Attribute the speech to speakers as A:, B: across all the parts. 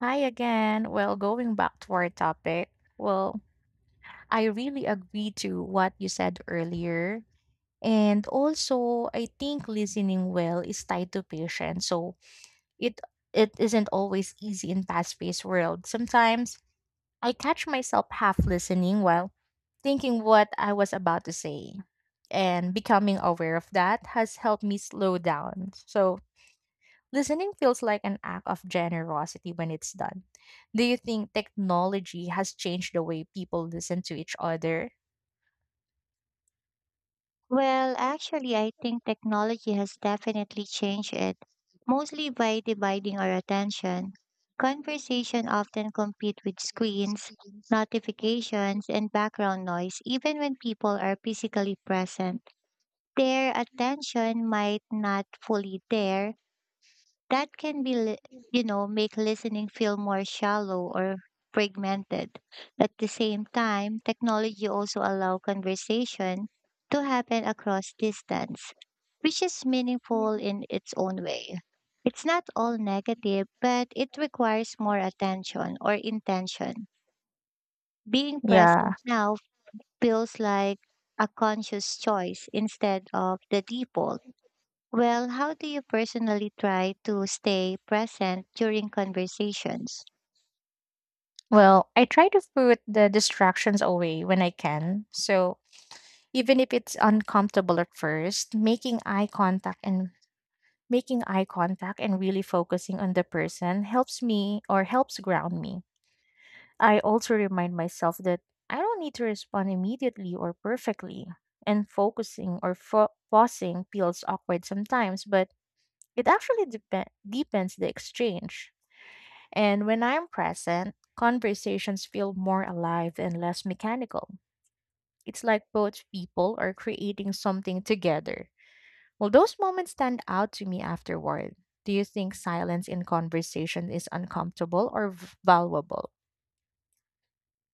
A: Hi again. Well, going back to our topic, well, I really agree to what you said earlier. And also, I think listening well is tied to patience. So it it isn't always easy in fast-paced world. Sometimes I catch myself half listening while thinking what I was about to say. And becoming aware of that has helped me slow down. So listening feels like an act of generosity when it's done. Do you think technology has changed the way people listen to each other?
B: Well, actually, I think technology has definitely changed it, mostly by dividing our attention. Conversation often compete with screens, notifications, and background noise, even when people are physically present. Their attention might not fully there that can be make listening feel more shallow or fragmented at the same time technology also allow conversation to happen across distance which is meaningful in its own way it's not all negative but it requires more attention or intention being
A: Yeah.
B: present now feels like a conscious choice instead of the default. Well, how do you personally try to stay present during conversations?
A: Well, I try to put the distractions away when I can. So even if it's uncomfortable at first, making eye contact and really focusing on the person helps me or helps ground me. I also remind myself that I don't need to respond immediately or perfectly, and pausing feels awkward sometimes, but it actually deepens the exchange. And when I'm present, conversations feel more alive and less mechanical. It's like both people are creating something together. Will those moments stand out to me afterward. Do you think silence in conversation is uncomfortable or valuable?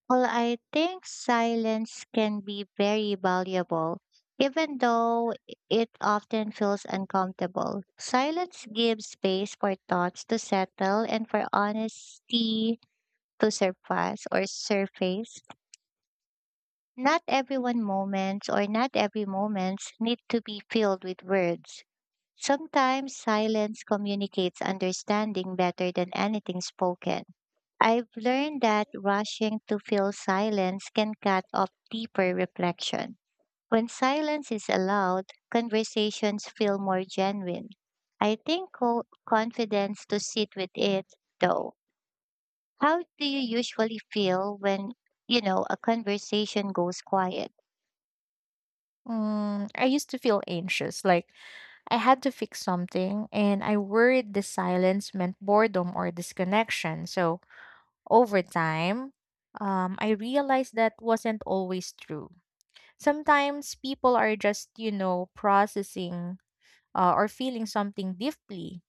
B: Well, I think silence can be very valuable, even though it often feels uncomfortable. Silence gives space for thoughts to settle and for honesty to surface or surface. Not everyone moments or not every moments need to be filled with words. Sometimes silence communicates understanding better than anything spoken. I've learned that rushing to fill silence can cut off deeper reflection. When silence is allowed, conversations feel more genuine. I think confidence to sit with it, though. How do you usually feel when, a conversation goes quiet?
A: Mm, I used to feel anxious, like I had to fix something, and I worried the silence meant boredom or disconnection. So over time, I realized that wasn't always true. Sometimes people are just, you know, processing or feeling something deeply.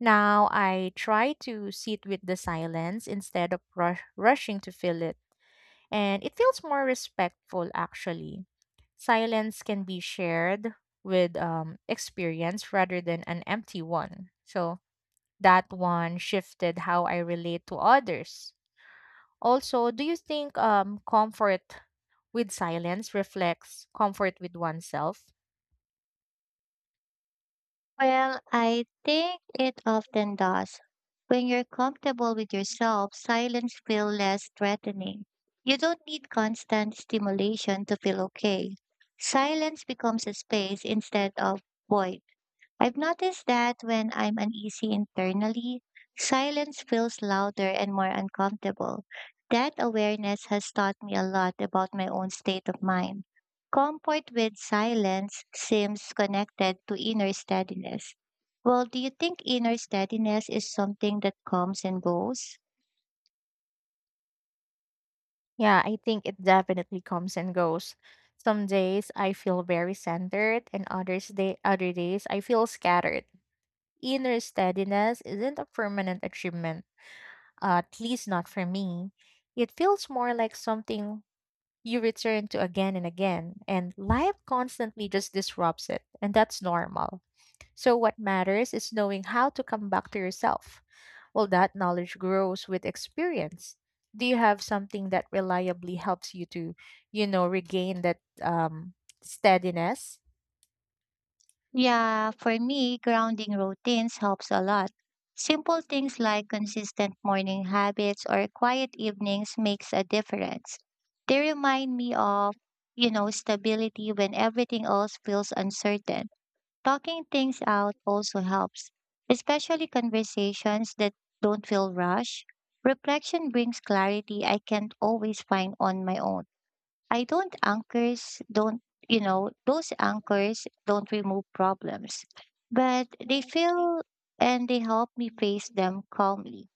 A: Now I try to sit with the silence instead of rushing to fill it. And it feels more respectful actually. Silence can be shared with experience rather than an empty one. So that one shifted how I relate to others. Also, do you think comfort with silence reflects comfort with oneself?
B: Well, I think it often does. When you're comfortable with yourself, silence feels less threatening. You don't need constant stimulation to feel okay. Silence becomes a space instead of void. I've noticed that when I'm uneasy internally, silence feels louder and more uncomfortable. That awareness has taught me a lot about my own state of mind. Comfort with silence seems connected to inner steadiness. Well, do you think inner steadiness is something that comes and goes?
A: Yeah, I think it definitely comes and goes. Some days I feel very centered, and other days I feel scattered. Inner steadiness isn't a permanent achievement, at least not for me. It feels more like something you return to again and again, and life constantly just disrupts it, and that's normal. So what matters is knowing how to come back to yourself. Well, that knowledge grows with experience. Do you have something that reliably helps you to, you know, regain that steadiness?
B: Yeah, for me, grounding routines helps a lot. Simple things like consistent morning habits or quiet evenings makes a difference. They remind me of, stability when everything else feels uncertain. Talking things out also helps, especially conversations that don't feel rushed. Reflection brings clarity I can't always find on my own. I don't anchors don't, those anchors don't remove problems, but they feel and they help me face them calmly.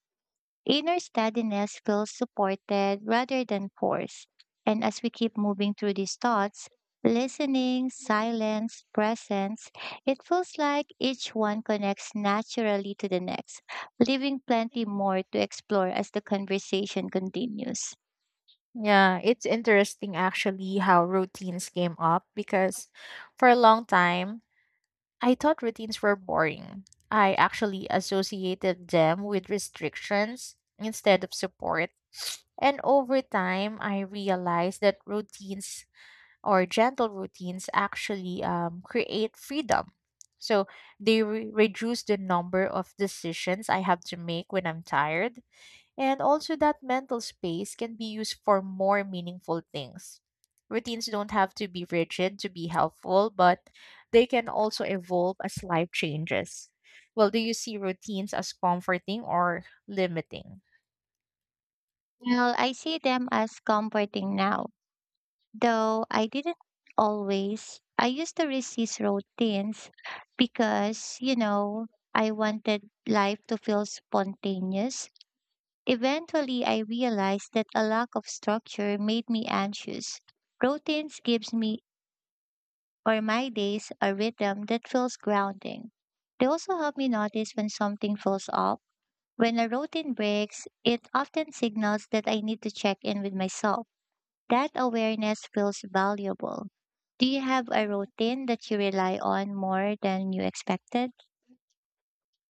B: Inner steadiness feels supported rather than forced. And as we keep moving through these thoughts, listening, silence, presence, it feels like each one connects naturally to the next, leaving plenty more to explore as the conversation continues.
A: Yeah, it's interesting actually how routines came up because for a long time, I thought routines were boring. I actually associated them with restrictions instead of support. And over time, I realized that routines or gentle routines actually create freedom. So they reduce the number of decisions I have to make when I'm tired, and also, that mental space can be used for more meaningful things. Routines don't have to be rigid to be helpful, but they can also evolve as life changes. Well, do you see routines as comforting or limiting?
B: Well, I see them as comforting now, though I didn't always. I used to resist routines because, I wanted life to feel spontaneous. Eventually, I realized that a lack of structure made me anxious. Routines gives me or my days a rhythm that feels grounding. They also help me notice when something feels off. When a routine breaks, it often signals that I need to check in with myself. That awareness feels valuable. Do you have a routine that you rely on more than you expected?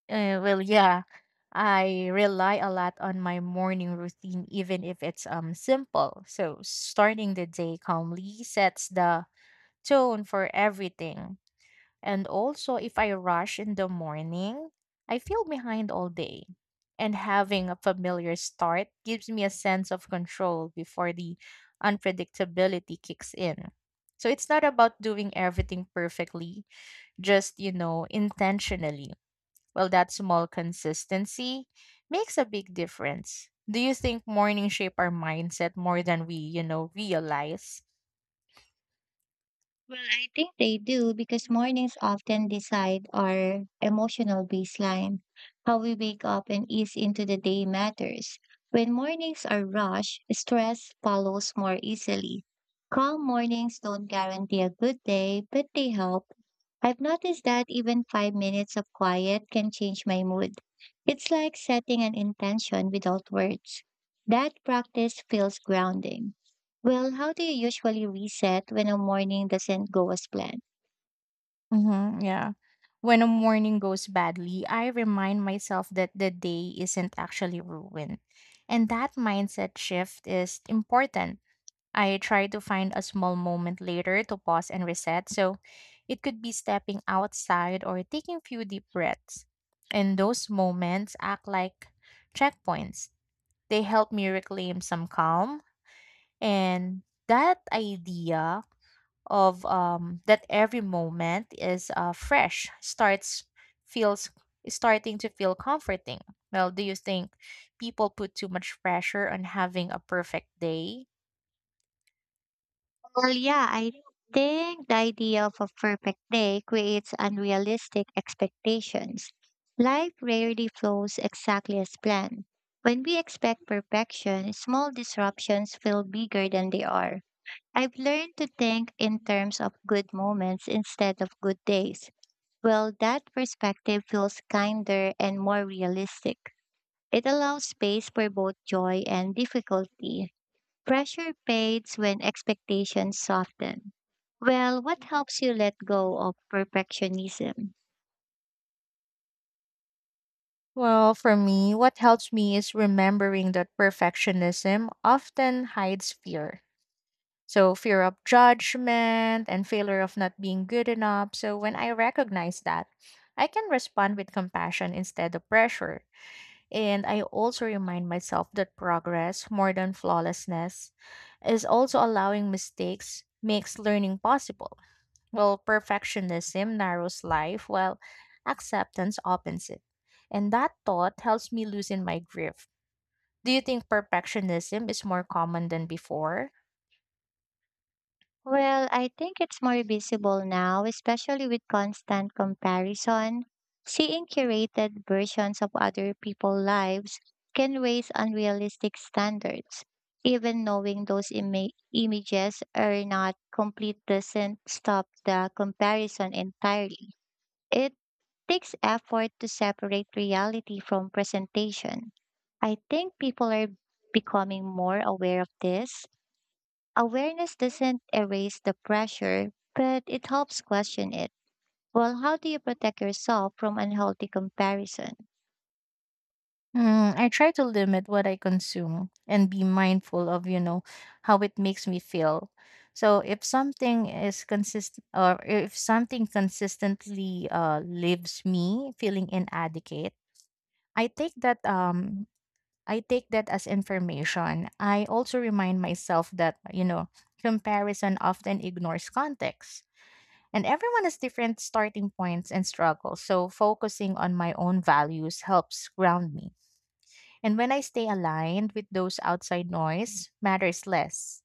A: Yeah, I rely a lot on my morning routine, even if it's simple. So starting the day calmly sets the tone for everything. And also, if I rush in the morning, I feel behind all day. And having a familiar start gives me a sense of control before the unpredictability kicks in. So it's not about doing everything perfectly, just, you know, intentionally. Well, that small consistency makes a big difference. Do you think morning shape our mindset more than we, you know, realize?
B: Well, I think they do because mornings often decide our emotional baseline. How we wake up and ease into the day matters. When mornings are rushed, stress follows more easily. Calm mornings don't guarantee a good day, but they help. I've noticed that even 5 minutes of quiet can change my mood. It's like setting an intention without words. That practice feels grounding. Well, how do you usually reset when a morning doesn't go as planned?
A: Mm-hmm, yeah. When a morning goes badly, I remind myself that the day isn't actually ruined. And that mindset shift is important. I try to find a small moment later to pause and reset. So it could be stepping outside or taking a few deep breaths. And those moments act like checkpoints. They help me reclaim some calm. And that idea of that every moment is fresh starts feels is starting to feel comforting. Well, do you think people put too much pressure on having a perfect day?
B: Well, yeah, I think the idea of a perfect day creates unrealistic expectations. Life rarely flows exactly as planned. When we expect perfection, small disruptions feel bigger than they are. I've learned to think in terms of good moments instead of good days. Well, that perspective feels kinder and more realistic. It allows space for both joy and difficulty. Pressure fades when expectations soften. Well, what helps you let go of perfectionism?
A: Well, for me, what helps me is remembering that perfectionism often hides fear. So fear of judgment and failure of not being good enough. So when I recognize that, I can respond with compassion instead of pressure. And I also remind myself that progress, more than flawlessness, is also allowing mistakes makes learning possible. Well, perfectionism narrows life, while acceptance opens it. And that thought helps me loosen my grip. Do you think perfectionism is more common than before?
B: Well, I think it's more visible now, especially with constant comparison. Seeing curated versions of other people's lives can raise unrealistic standards. Even knowing those images are not complete doesn't stop the comparison entirely. It takes effort to separate reality from presentation. I think people are becoming more aware of this. Awareness doesn't erase the pressure, but it helps question it. Well, how do you protect yourself from unhealthy comparison?
A: Mm, I try to limit what I consume and be mindful of, you know, how it makes me feel. So if something is consistent or if something consistently leaves me feeling inadequate, I take that um I take that as information. I also remind myself that, you know, comparison often ignores context. And everyone has different starting points and struggles. So focusing on my own values helps ground me. And when I stay aligned with those, outside noise matters less.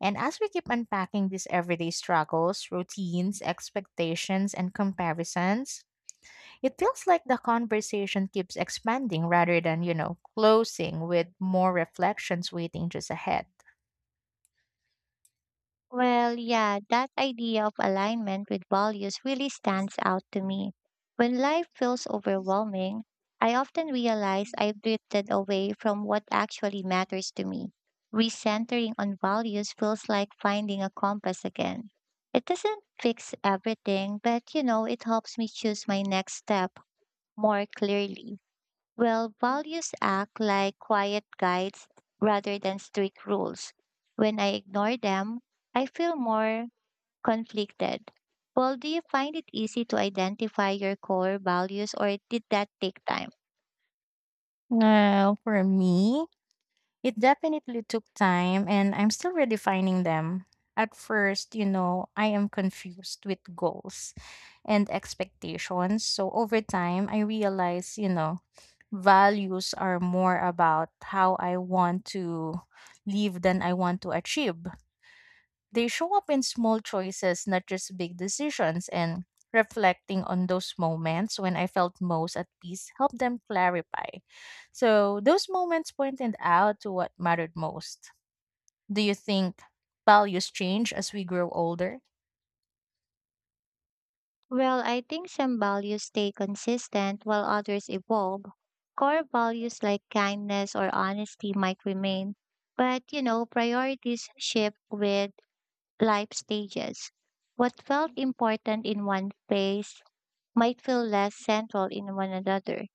A: And as we keep unpacking these everyday struggles, routines, expectations, and comparisons, it feels like the conversation keeps expanding rather than, you know, closing, with more reflections waiting just ahead.
B: Well, yeah, that idea of alignment with values really stands out to me. When life feels overwhelming, I often realize I've drifted away from what actually matters to me. Recentering on values feels like finding a compass again. It doesn't fix everything, but it helps me choose my next step more clearly. Well, values act like quiet guides rather than strict rules. When I ignore them, I feel more conflicted. Well, do you find it easy to identify your core values or did that take time?
A: Well, for me, it definitely took time and I'm still redefining them. At first, you know, I am confused with goals and expectations. So over time, I realize, you know, values are more about how I want to live than I want to achieve. They show up in small choices, not just big decisions. And reflecting on those moments when I felt most at peace helped them clarify. So those moments pointed out to what mattered most. Do you think values change as we grow older?
B: Well, I think some values stay consistent while others evolve. Core values like kindness or honesty might remain, but priorities shift with life stages. What felt important in one phase might feel less central in one another.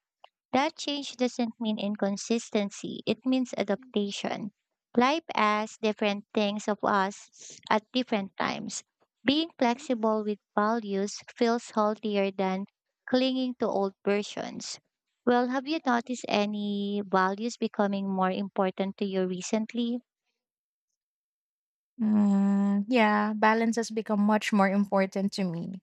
B: That change doesn't mean inconsistency, it means adaptation. Life asks different things of us at different times. Being flexible with values feels healthier than clinging to old versions. Well, have you noticed any values becoming more important to you recently?
A: Mm, yeah, balance has become much more important to me.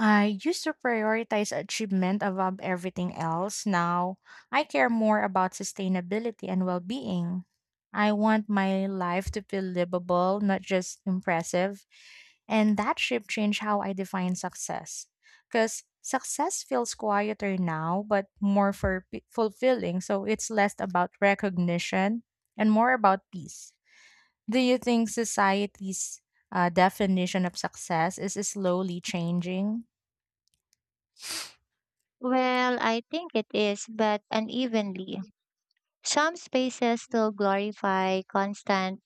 A: I used to prioritize achievement above everything else. Now, I care more about sustainability and well being. I want my life to feel livable, not just impressive. And that shift changed how I define success. Because success feels quieter now, but more fulfilling. So it's less about recognition and more about peace. Do you think society's definition of success is slowly changing?
B: Well, I think it is, but unevenly. Some spaces still glorify constant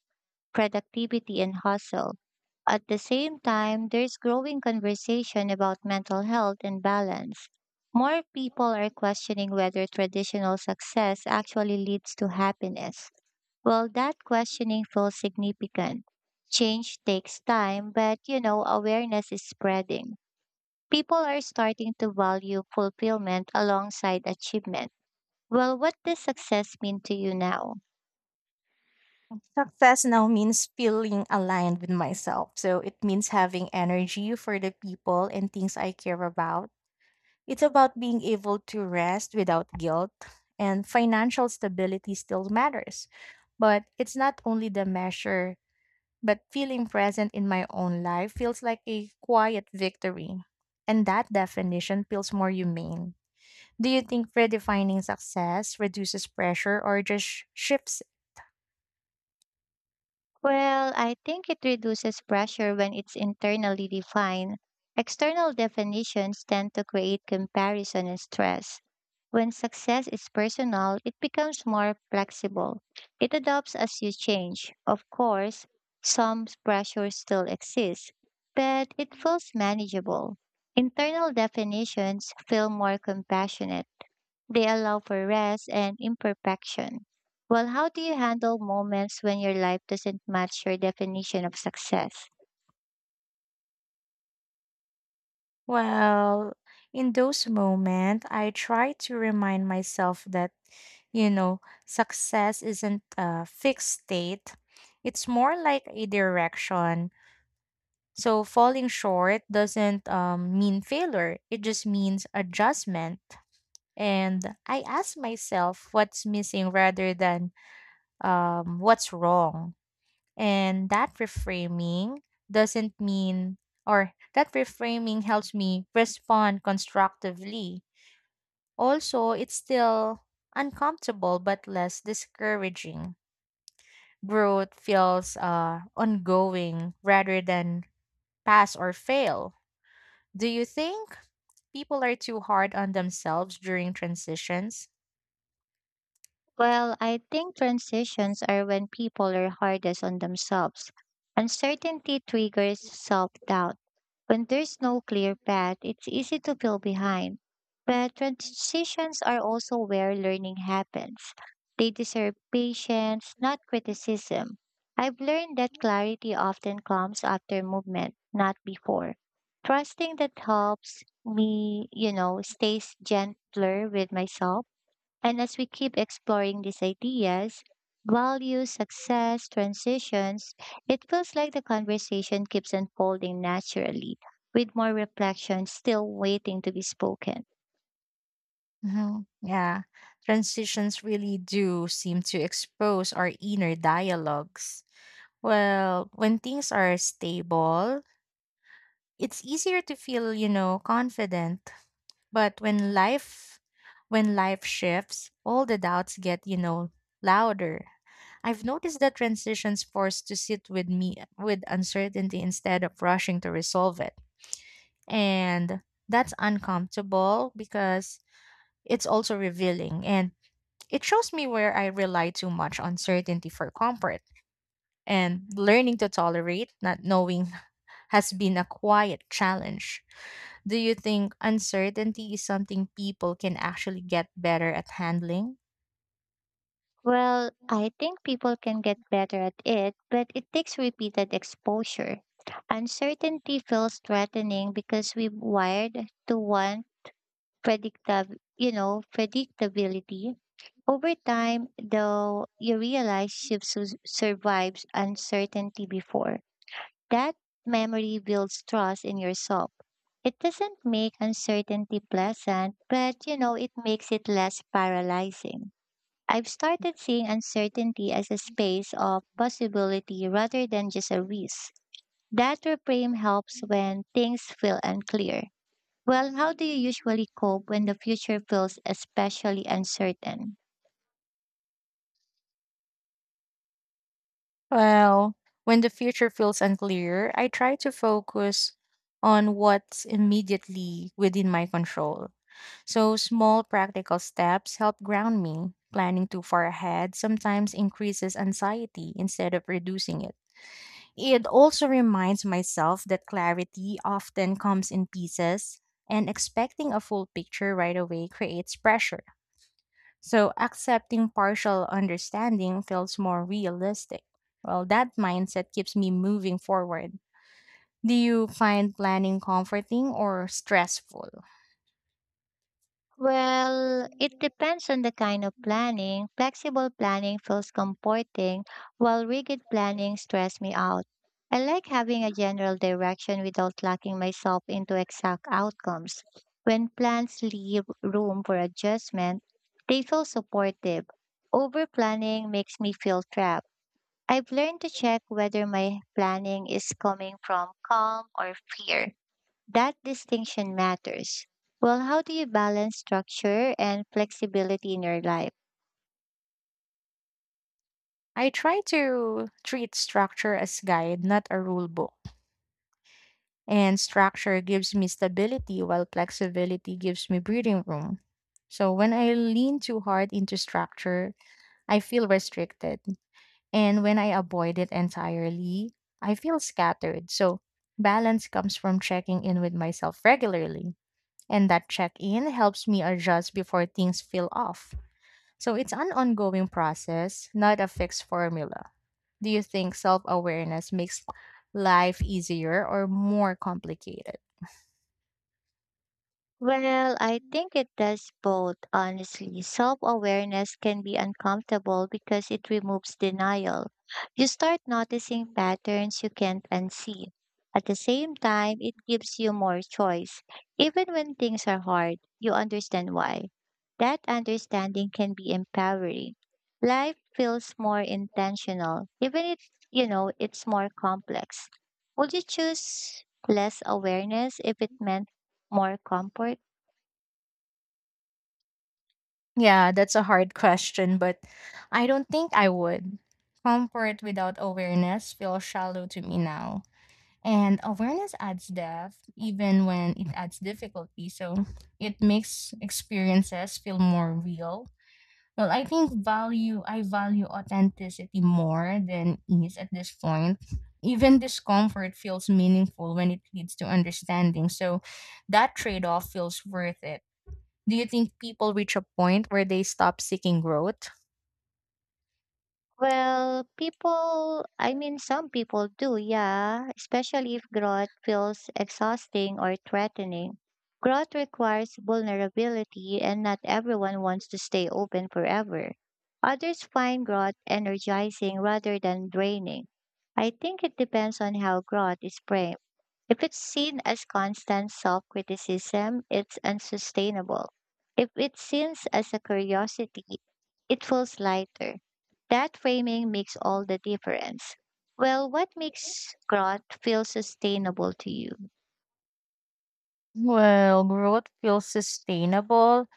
B: productivity, and hustle. At the same time, there's growing conversation about mental health and balance. More people are questioning whether traditional success actually leads to happiness. Well, that questioning feels significant. Change takes time, but awareness is spreading. People are starting to value fulfillment alongside achievement. Well, what does success mean to you now?
A: Success now means feeling aligned with myself. So it means having energy for the people and things I care about. It's about being able to rest without guilt, and financial stability still matters. But it's not only the measure, but feeling present in my own life feels like a quiet victory. And that definition feels more humane. Do you think redefining success reduces pressure or just shifts?
B: Well, I think it reduces pressure when it's internally defined. External definitions tend to create comparison and stress. When success is personal, it becomes more flexible. It adapts as you change. Of course, some pressure still exists, but it feels manageable. Internal definitions feel more compassionate. They allow for rest and imperfection. Well, how do you handle moments when your life doesn't match your definition of success?
A: Well, in those moments, I try to remind myself that, you know, success isn't a fixed state. It's more like a direction. So falling short doesn't mean failure. It just means adjustment. And I ask myself what's missing rather than what's wrong. And that reframing doesn't mean, or that reframing helps me respond constructively. Also, it's still uncomfortable but less discouraging. Growth feels ongoing rather than pass or fail. Do you think people are too hard on themselves during transitions?
B: Well, I think transitions are when people are hardest on themselves. Uncertainty triggers self doubt. When there's no clear path, it's easy to feel behind. But transitions are also where learning happens. They deserve patience, not criticism. I've learned that clarity often comes after movement, not before. Trusting that helps me, stays gentler with myself. And as we keep exploring these ideas, values, success, transitions, it feels like the conversation keeps unfolding naturally, with more reflection still waiting to be spoken.
A: Mhm. Yeah, transitions really do seem to expose our inner dialogues. Well, when things are stable, it's easier to feel, you know, confident. But when life shifts, all the doubts get, you know, louder. I've noticed that transitions force to sit with me with uncertainty instead of rushing to resolve it. And that's uncomfortable because it's also revealing, and it shows me where I rely too much on certainty for comfort. And learning to tolerate not knowing has been a quiet challenge. Do you think uncertainty is something people can actually get better at handling?
B: Well, I think people can get better at it, but it takes repeated exposure. Uncertainty feels threatening because we've wired to want predictability. Over time, though, you realize she survives uncertainty before. That memory builds trust in yourself. It doesn't make uncertainty pleasant, but it makes it less paralyzing. I've started seeing uncertainty as a space of possibility rather than just a risk. That reframe helps when things feel unclear. Well, how do you usually cope when the future feels especially uncertain?
A: Well, when the future feels unclear, I try to focus on what's immediately within my control. So small practical steps help ground me. Planning too far ahead sometimes increases anxiety instead of reducing it. It also reminds myself that clarity often comes in pieces, and expecting a full picture right away creates pressure. So accepting partial understanding feels more realistic. Well, that mindset keeps me moving forward. Do you find planning comforting or stressful?
B: Well, it depends on the kind of planning. Flexible planning feels comforting, while rigid planning stress me out. I like having a general direction without locking myself into exact outcomes. When plans leave room for adjustment, they feel supportive. Over planning makes me feel trapped. I've learned to check whether my planning is coming from calm or fear. That distinction matters. Well, how do you balance structure and flexibility in your life?
A: I try to treat structure as guide, not a rule book. And structure gives me stability while flexibility gives me breathing room. So when I lean too hard into structure, I feel restricted. And when I avoid it entirely, I feel scattered. So balance comes from checking in with myself regularly. And that check in helps me adjust before things feel off. So it's an ongoing process, not a fixed formula. Do you think self awareness makes life easier or more complicated?
B: Well, I think it does both, honestly. Self awareness can be uncomfortable because it removes denial. You start noticing patterns you can't unsee. At the same time, it gives you more choice. Even when things are hard, you understand why. That understanding can be empowering. Life feels more intentional, even if, it's more complex. Would you choose less awareness if it meant more comfort?
A: Yeah, that's a hard question, but I don't think I would. Comfort without awareness feels shallow to me now. And awareness adds depth, even when it adds difficulty. So it makes experiences feel more real. Well, I value authenticity more than ease at this point. Even discomfort feels meaningful when it leads to understanding. So that trade off feels worth it. Do you think people reach a point where they stop seeking growth?
B: Well, people, I mean, some people do, yeah, especially if growth feels exhausting or threatening. Growth requires vulnerability, and not everyone wants to stay open forever. Others find growth energizing rather than draining. I think it depends on how growth is framed. If it's seen as constant self criticism, it's unsustainable. If it's seen as a curiosity, it feels lighter. That framing makes all the difference. Well, what makes growth feel sustainable to you?
A: Well, growth feels sustainable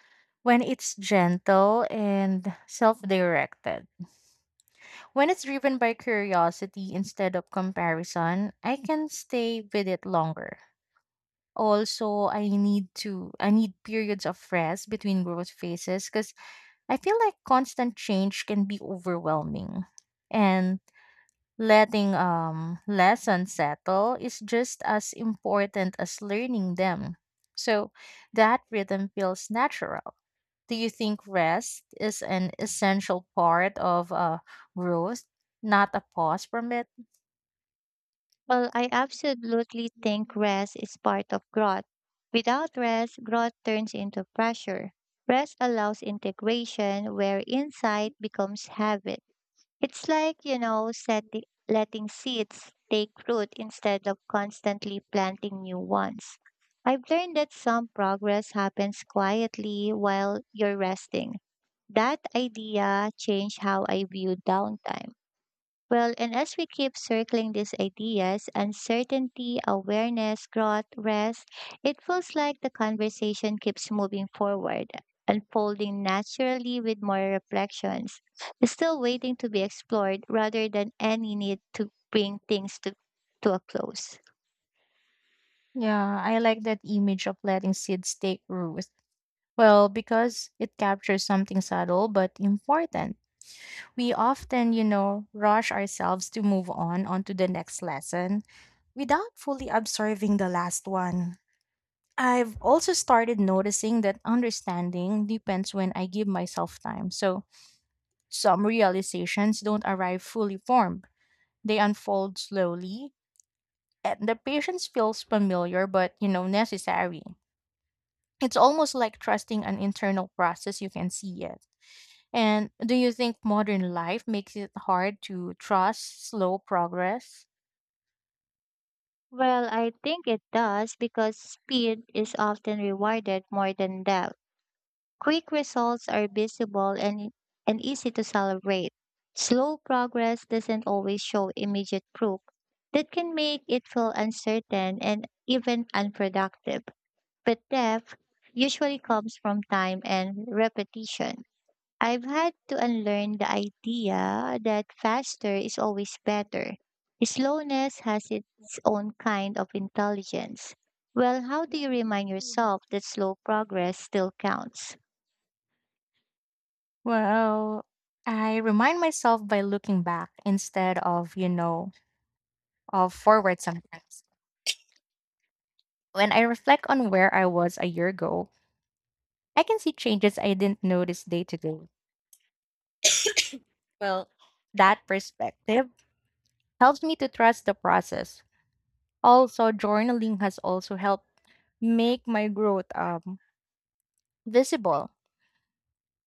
A: when it's gentle and self directed. When it's driven by curiosity instead of comparison, I can stay with it longer. Also, I need periods of rest between growth phases because I feel like constant change can be overwhelming. And letting lessons settle is just as important as learning them. So that rhythm feels natural. Do you think rest is an essential part of growth, not a pause from it?
B: Well, I absolutely think rest is part of growth. Without rest, growth turns into pressure. Rest allows integration where insight becomes habit. It's like, setting, letting seeds take root instead of constantly planting new ones. I've learned that some progress happens quietly while you're resting. That idea changed how I view downtime. Well, and as we keep circling these ideas, uncertainty, awareness, growth, rest, it feels like the conversation keeps moving forward, unfolding naturally with more reflections, still waiting to be explored rather than any need to bring things to a close.
A: Yeah, I like that image of letting seeds take root. Well, because it captures something subtle but important. We often, you know, rush ourselves to move on onto the next lesson without fully absorbing the last one. I've also started noticing that understanding depends when I give myself time. So some realizations don't arrive fully formed. They unfold slowly, and the patience feels familiar but, you know, necessary. It's almost like trusting an internal process you can see yet. And do you think modern life makes it hard to trust slow progress?
B: Well, I think it does because speed is often rewarded more than depth. Quick results are visible and easy to celebrate. Slow progress doesn't always show immediate proof. That can make it feel uncertain and even unproductive. But depth usually comes from time and repetition. I've had to unlearn the idea that faster is always better. Slowness has its own kind of intelligence. Well, how do you remind yourself that slow progress still counts?
A: Well, I remind myself by looking back instead of, you know, forward sometimes. When I reflect on where I was a year ago, I can see changes I didn't notice day to day. Well, that perspective helps me to trust the process. Also, journaling has also helped make my growth visible,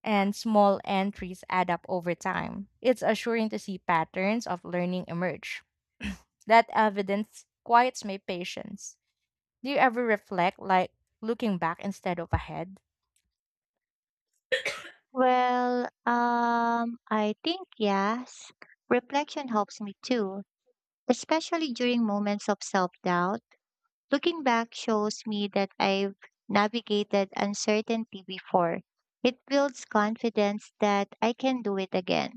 A: and small entries add up over time. It's assuring to see patterns of learning emerge. That evidence quiets my patience. Do you ever reflect like looking back instead of ahead?
B: Well, I think yes. Reflection helps me too, especially during moments of self-doubt. Looking back shows me that I've navigated uncertainty before. It builds confidence that I can do it again.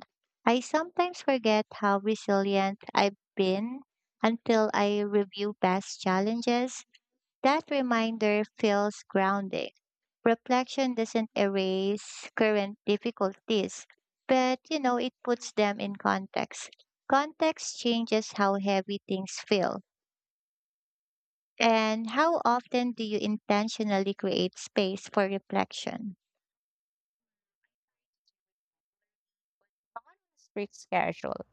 B: I sometimes forget how resilient I've been until I review past challenges. That reminder feels grounding. Reflection doesn't erase current difficulties, but it puts them in context. Context changes how heavy things feel. And how often do you intentionally create space for reflection?
A: Strict schedule.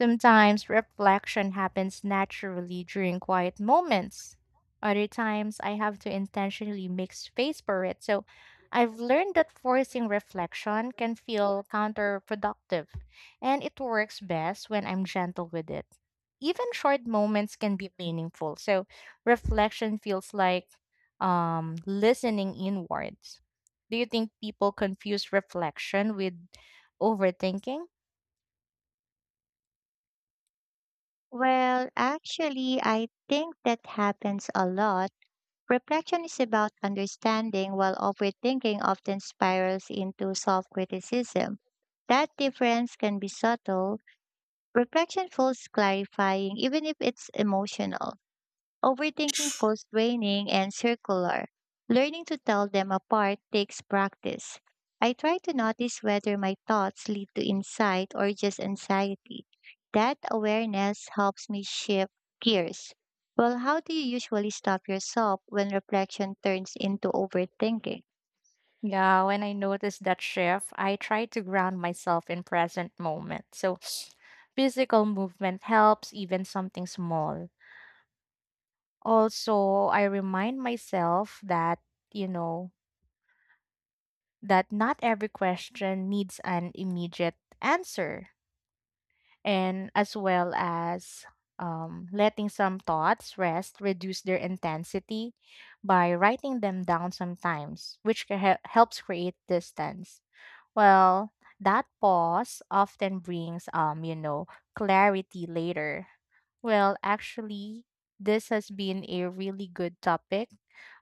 A: Sometimes reflection happens naturally during quiet moments. Other times I have to intentionally make space for it. So I've learned that forcing reflection can feel counterproductive, and it works best when I'm gentle with it. Even short moments can be meaningful. So reflection feels like listening inwards. Do you think people confuse reflection with overthinking?
B: Well, actually, I think that happens a lot. Reflection is about understanding, while overthinking often spirals into self criticism. That difference can be subtle. Reflection feels clarifying, even if it's emotional. Overthinking feels draining and circular. Learning to tell them apart takes practice. I try to notice whether my thoughts lead to insight or just anxiety. That awareness helps me shift gears. Well, how do you usually stop yourself when reflection turns into overthinking?
A: Yeah, when I notice that shift, I try to ground myself in present moment. So physical movement helps, even something small. Also, I remind myself that, you know, that not every question needs an immediate answer. And as well as letting some thoughts rest, reduce their intensity by writing them down sometimes, which helps create distance. Well, that pause often brings, you know, clarity later. Well, actually, this has been a really good topic.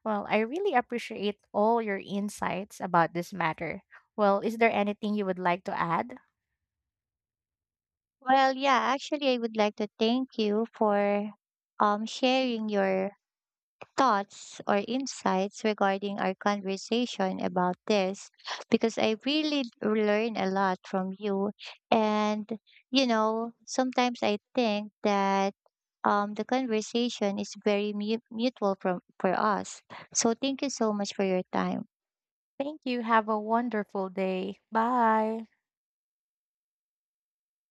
A: Well, I really appreciate all your insights about this matter. Well, is there anything you would like to add?
B: Well, yeah, actually, I would like to thank you for sharing your thoughts or insights regarding our conversation about this because I really learn a lot from you. And, sometimes I think that the conversation is very mutual for us. So thank you so much for your time.
A: Thank you. Have a wonderful day. Bye.